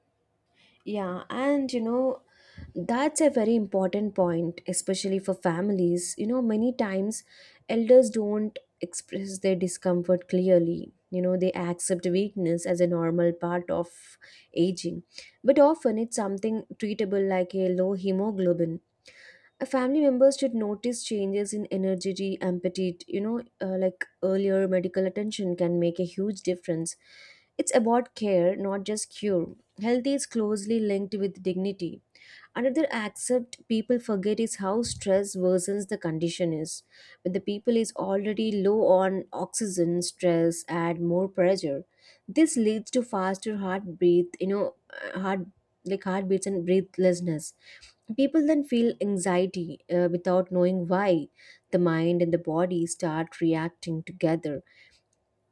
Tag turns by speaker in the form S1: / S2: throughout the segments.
S1: 这是我的一分钟
S2: Yeah, and you know, that's a very important point, especially for families. You know, many times elders don't express their discomfort clearly. You know, they accept weakness as a normal part of aging, but often it's something treatable like a low hemoglobin. A family member should notice changes in energy, appetite. You know, like earlier medical attention can make a huge difference. It's about care, not just cure. Health is closely linked with dignity. Another aspect people forget is how stress worsens the condition is. When the people is already low on oxygen, stress add more pressure. This leads to faster heartbeat, you know, heartbeats and breathlessness. People then feel anxiety without knowing why. The mind and the body start reacting together.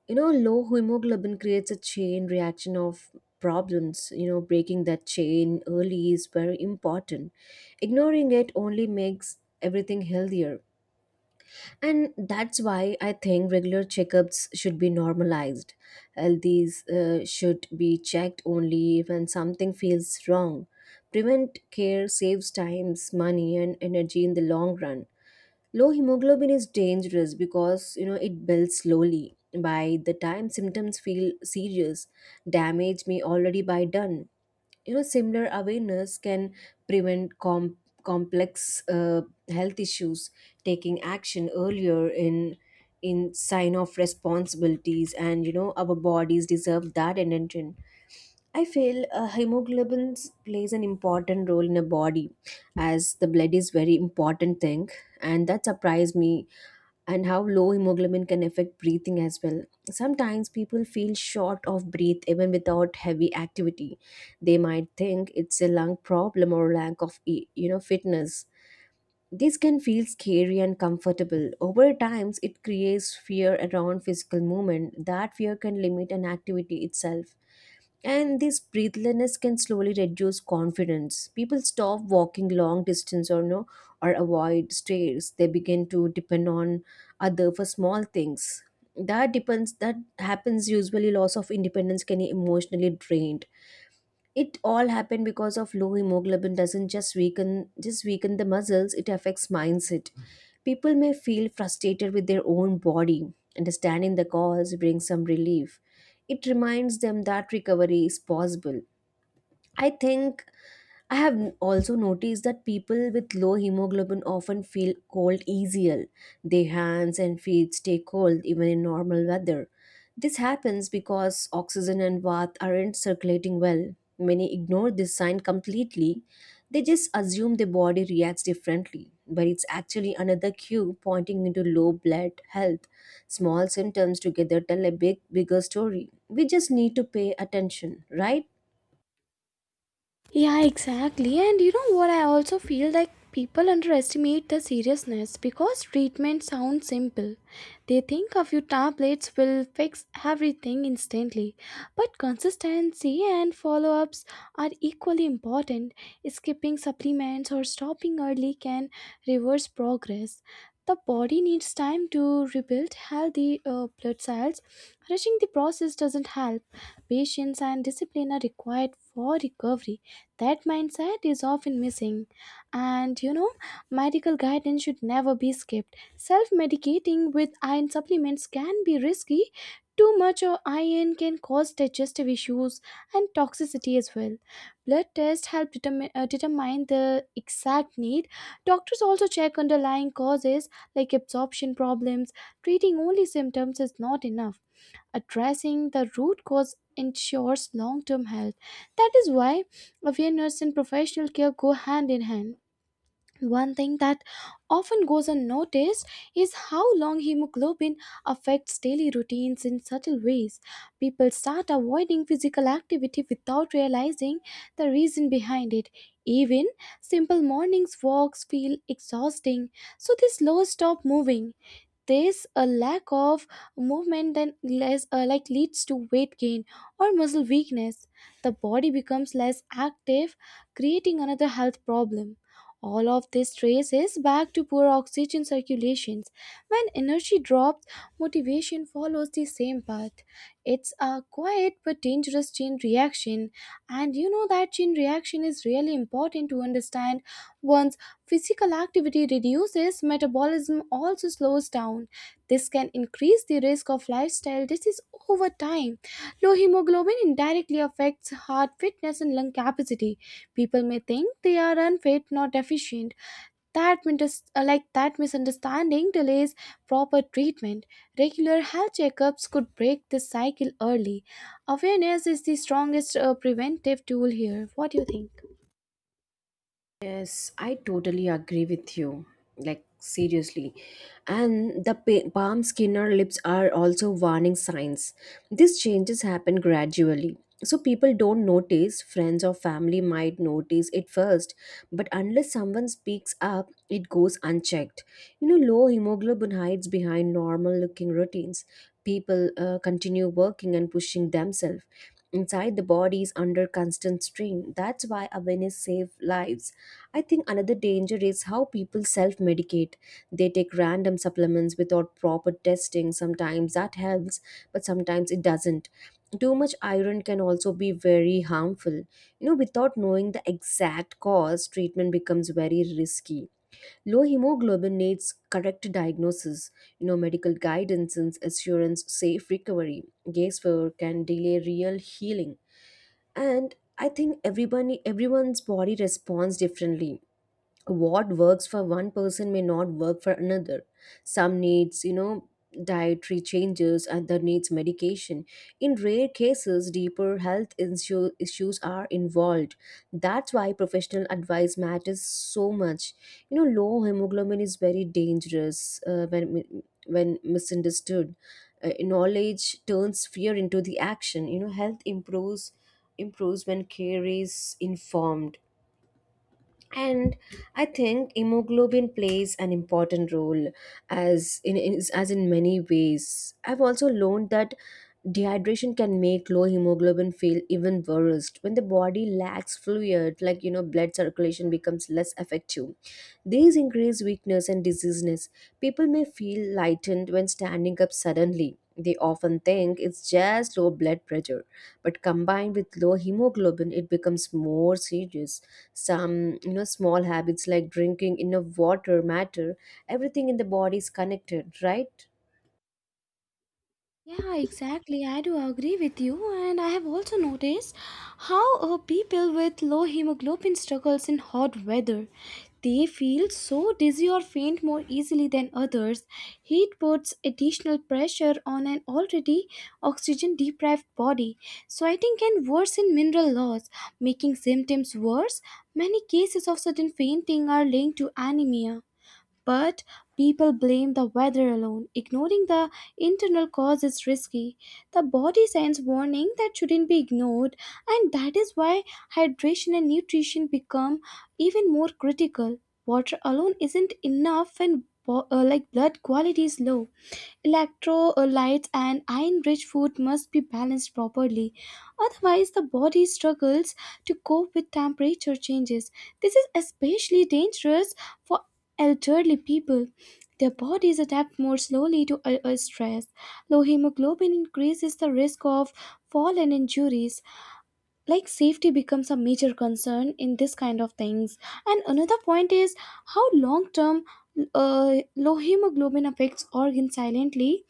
S2: You know, low hemoglobin creates a chain reaction of problems. You know, breaking that chain early is very important. Ignoring it only makes everything healthier, and that's why I think regular checkups should be normalized. Healthies should be checked only when something feels wrong. Prevent care saves times, money and energy in the long run. Low hemoglobin is dangerous because, you know, it builds slowly. By the time symptoms feel serious, damage may already be done. You know, similar awareness can prevent complex health issues. Taking action earlier in sign of responsibilities, and you know, our bodies deserve that attention. I feel hemoglobin plays an important role in a body, as the blood is very important thing, and that surprised me, and how low hemoglobin can affect breathing as well. Sometimes people feel short of breath even without heavy activity. They might think it's a lung problem or lack of you know, fitness. This can feel scary and comfortable. Over times, it creates fear around physical movement. That fear can limit an activity itself. And this breathlessness can slowly reduce confidence. People stop walking long distance or no, or avoid stairs. They begin to depend on other for small things. That depends that happens usually loss of independence can be emotionally drained. It all happened because of low hemoglobin. Doesn't just weaken the muscles, it affects mindset. People may feel frustrated with their own body. Understanding the cause brings some relief. It reminds them that recovery is possible. I think also noticed that people with low hemoglobin often feel cold easier. Their hands and feet stay cold even in normal weather. This happens because oxygen and bath aren't circulating well. Many ignore this sign completely. They just assume the body reacts differently, but it's actually another cue pointing into low blood health. Small symptoms together tell a bigger story. We just need to pay attention, right?
S1: Yeah, exactly. And you know what? I also feel like people underestimate the seriousness because treatment sounds simple. They think a few tablets will fix everything instantly. But consistency and follow ups are equally important. Skipping supplements or stopping early can reverse progress. The body needs time to rebuild healthy blood cells. Rushing the process doesn't help. Patience and discipline are required for recovery. That mindset is often missing. And you know, medical guidance should never be skipped. Self medicating with iron supplements can be risky. Too much of iron can cause digestive issues and toxicity as well. Blood tests help determine the exact need. Doctors also check underlying causes like absorption problems. Treating only symptoms is not enough. Addressing the root cause ensures long term health. That is why awareness and professional care go hand in hand. One thing that often goes unnoticed is how long hemoglobin affects daily routines in subtle ways. People start avoiding physical activity without realizing the reason behind it. Even simple mornings walks feel exhausting, so they slow stop moving. This a lack of movement that less, like leads to weight gain or muscle weakness. The body becomes less active, creating another health problem. All of this traces back to poor oxygen circulations. When energy drops, motivation follows the same path. It's a quiet but dangerous chain reaction, and you know that chain reaction is really important to understand one's physical activity reduces, metabolism also slows down. This can increase the risk of lifestyle disease over time. Low hemoglobin indirectly affects heart fitness and lung capacity. People may think they are unfit, not deficient. That mintus- like that misunderstanding delays proper treatment. Regular health checkups could break this cycle early. Awareness is the strongest preventive tool here. What do you think?
S2: Yes, I totally agree with you. Like, seriously. And the palm skin or lips are also warning signs. These changes happen gradually. So, people don't notice, friends or family might notice it first, but unless someone speaks up, it goes unchecked. You know, low hemoglobin hides behind normal looking routines. People continue working and pushing themselves. Inside, the body is under constant strain. That's why awareness saves lives. I think another danger is how people self medicate. They take random supplements without proper testing. Sometimes that helps, but sometimes it doesn't. Too much iron can also be very harmful. You know, without knowing the exact cause, treatment becomes very risky. Low hemoglobin needs correct diagnosis, you know, medical guidance and assurance safe recovery. Guesswork can delay real healing. And I think everybody everyone's body responds differently. What works for one person may not work for another. Some needs, you know, dietary changes, other needs medication. In rare cases deeper issues are involved. That's why professional advice matters so much. You know, low hemoglobin is very dangerous when when misunderstood. Knowledge turns fear into the action. You know, health improves when care is informed. And I think hemoglobin plays an important role, as as in many ways. I've also learned that dehydration can make low hemoglobin feel even worse. When the body lacks fluid, like you know, blood circulation becomes less effective. These increase weakness, illness and diseases. People may feel lightened when standing up suddenly. They often think it's just low blood pressure, but combined with low hemoglobin, it becomes more serious. Some, you know, small habits like drinking enough water matter. Everything in the body is connected, right?
S1: Yeah, exactly. I do agree with you, and I have also noticed how people with low hemoglobin struggles in hot weather. They feel so dizzy or faint more easily than others. Heat puts additional pressure on an already oxygen deprived body, sweating can worsen mineral loss, making symptoms worse. Many cases of sudden fainting are linked to anemia. But people blame the weather alone, ignoring the internal cause is risky. The body sends warning that shouldn't be ignored, and that is why hydration and nutrition become even more critical. Water alone isn't enough when blood quality is low, electrolytes and iron rich food must be balanced properly, otherwise the body struggles to cope with temperature changes. This is especially dangerous for elderly people. Their bodies adapt more slowly to stress. Low hemoglobin increases the risk of fall and injuries, like safety becomes a major concern in this kind of things. And another point is how long term low hemoglobin affects organs silently.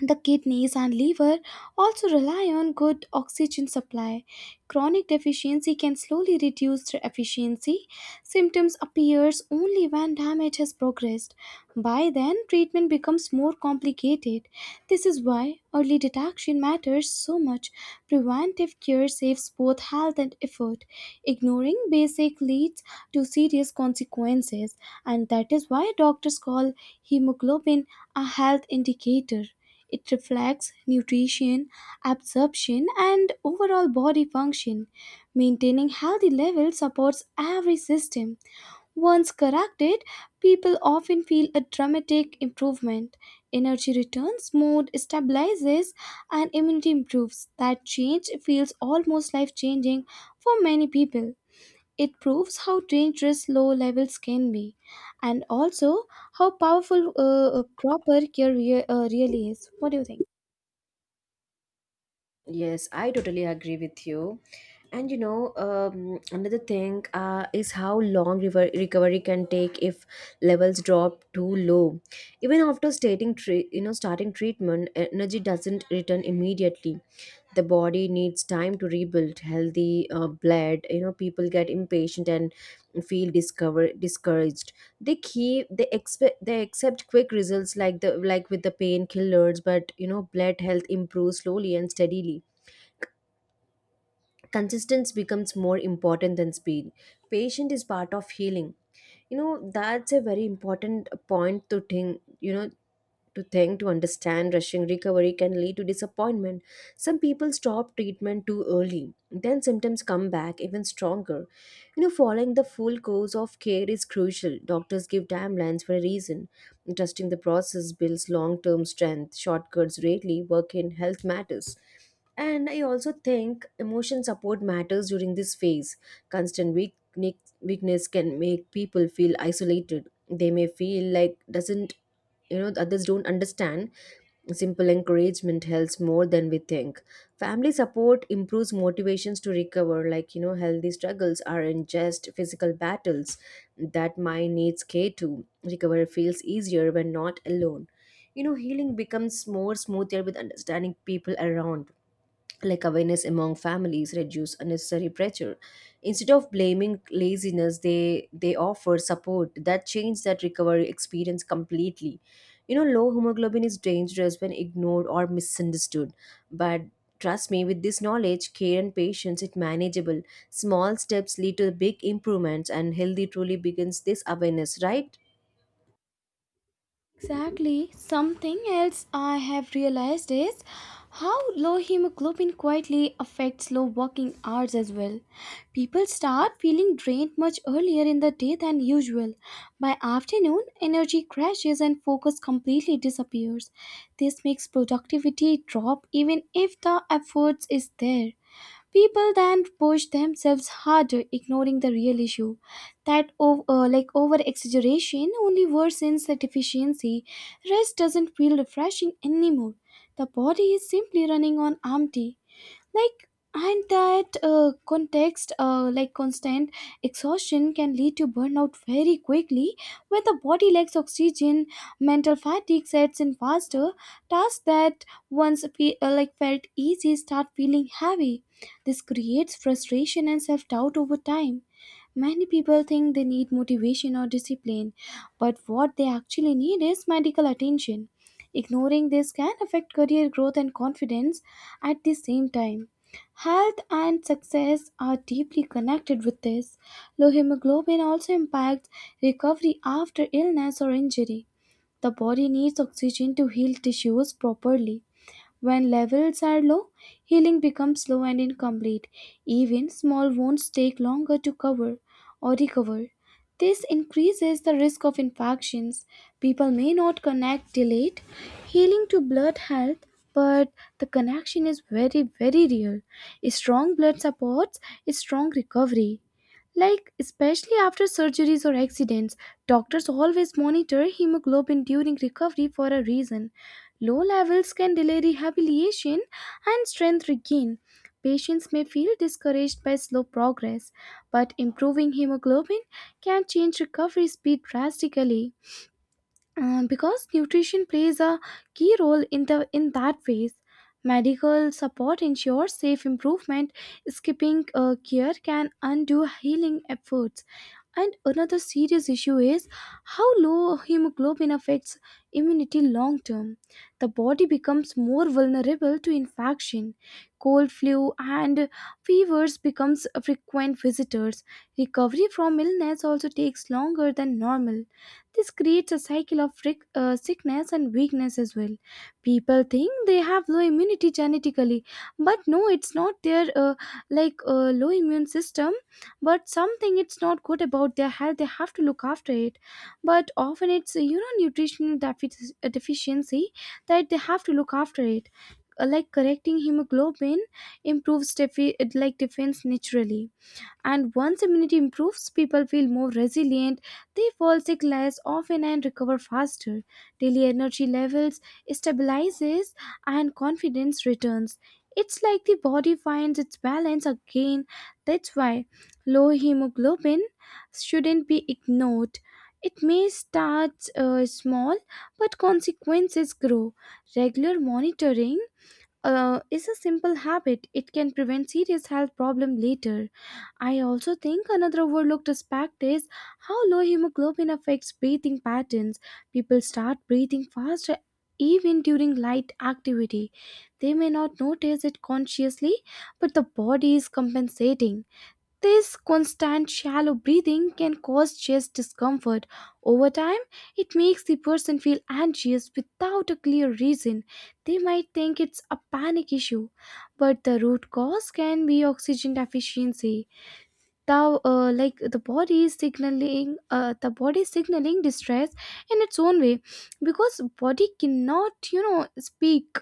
S1: The kidneys and liver also rely on good oxygen supply. Chronic deficiency can slowly reduce their efficiency. Symptoms appears only when damage has progressed. By then, treatment becomes more complicated. This is why early detection matters so much. Preventive care saves both health and effort. Ignoring basic leads to serious consequences, and that is why doctors call hemoglobin a health indicator. It reflects nutrition, absorption, and overall body function. Maintaining healthy levels supports every system. Once corrected, people often feel a dramatic improvement. Energy returns, mood stabilizes, and immunity improves. That change feels almost life changing for many people. It proves how dangerous low levels can be, and also how powerful proper care really is. What do you think?
S2: Yes, I totally agree with you. And you know, another thing is how long river recovery can take if levels drop too low. Even after starting, you know, starting treatment, energy doesn't return immediately. The body needs time to rebuild healthy blood. You know, people get impatient and feel discover discouraged. They accept quick results, like the like with the painkillers, but you know, blood health improves slowly and steadily. Consistency becomes more important than speed. Patient is part of healing. You know, that's a very important point to think, you know, to understand, rushing recovery can lead to disappointment. Some people stop treatment too early, then symptoms come back even stronger. You know, following the full course of care is crucial. Doctors give timelines for a reason. Trusting the process builds long term strength. Shortcuts rarely work in health matters. And I also think emotion support matters during this phase. Constant weakness can make people feel isolated. They may feel like doesn't You know, others don't understand. Simple encouragement helps more than we think. Family support improves motivations to recover, like you know, healthy struggles aren't just physical battles. That mind needs care to recovery. Feels easier when not alone. You know, healing becomes more smoother with understanding people around, like awareness among families reduce unnecessary pressure. Instead of blaming laziness, they offer support. That change that recovery experience completely. You know, low hemoglobin is dangerous when ignored or misunderstood, but trust me, with this knowledge, care and patience, it manageable. Small steps lead to big improvements, and healthy truly begins this awareness, right?
S1: Exactly. Something else I have realized is how low hemoglobin quietly affects low working hours as well. People start feeling drained much earlier in the day than usual. By afternoon, energy crashes and focus completely disappears. This makes productivity drop even if the efforts is there. People then push themselves harder, ignoring the real issue. That over exaggeration only worsens the deficiency. Rest doesn't feel refreshing anymore. The body is simply running on empty, like, and that context like constant exhaustion can lead to burnout very quickly. When the body lacks oxygen, mental fatigue sets in faster. Tasks that once felt easy start feeling heavy. This creates frustration and self-doubt over time. Many people think they need motivation or discipline, but what they actually need is medical attention. Ignoring this can affect career growth and confidence at the same time. Health and success are deeply connected with this. Low hemoglobin also impacts recovery after illness or injury. The body needs oxygen to heal tissues properly. When levels are low, healing becomes slow and incomplete. Even small wounds take longer to cover or recover. This increases the risk of infections. People may not connect delayed healing to blood health, but the connection is very, very real. Strong blood supports strong recovery. Like, especially after surgeries or accidents, doctors always monitor hemoglobin during recovery for a reason. Low levels can delay rehabilitation and strength regain. Patients may feel discouraged by slow progress, but improving hemoglobin can change recovery speed drastically. Because nutrition plays a key role in the in that phase, medical support ensures safe improvement. Skipping care can undo healing efforts. And another serious issue is how low hemoglobin affects immunity long term. The body becomes more vulnerable to infection, cold, flu, and fevers becomes frequent visitors. Recovery from illness also takes longer than normal. This creates a cycle of sickness and weakness as well. People think they have low immunity genetically, but no, it's not their low immune system, but something it's not good about their health. They have to look after it, but often it's you know nutritional deficiency that they have to look after it. Like correcting hemoglobin improves defense naturally. And once immunity improves, people feel more resilient, they fall sick less often and recover faster. Daily energy levels stabilizes and confidence returns. It's like the body finds its balance again. That's why low hemoglobin shouldn't be ignored. It may start small, but consequences grow. Regular monitoring is a simple habit. It can prevent serious health problem later. I also think another overlooked aspect is how low hemoglobin affects breathing patterns. People start breathing faster even during light activity. They may not notice it consciously, but the body is compensating. This constant shallow breathing can cause chest discomfort. Over time, it makes the person feel anxious without a clear reason. They might think it's a panic issue, but the root cause can be oxygen deficiency. Now, the body is signaling distress in its own way, because body cannot, you know, speak.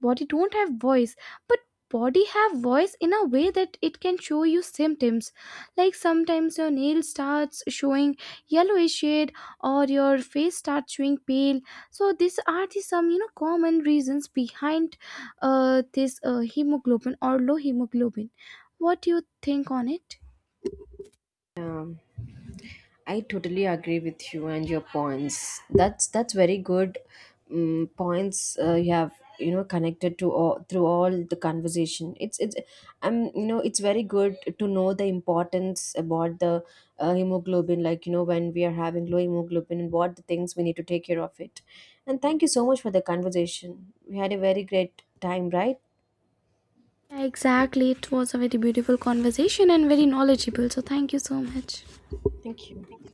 S1: Body don't have voice, but body have voice in a way that it can show you symptoms. Like sometimes your nail starts showing yellowish shade, or your face starts showing pale. So these are the some you know common reasons behind this hemoglobin or low hemoglobin. What do you think on it?
S2: Yeah. I totally agree with you and your points. That's very good points you have, you know, connected to all through all the conversation. It's you know, it's very good to know the importance about the hemoglobin. Like you know, when we are having low hemoglobin and what the things we need to take care of it. And thank you so much for the conversation. We had a very great time, right?
S1: Yeah, exactly. It was a very beautiful conversation and very knowledgeable. So, thank you so much.
S2: Thank you.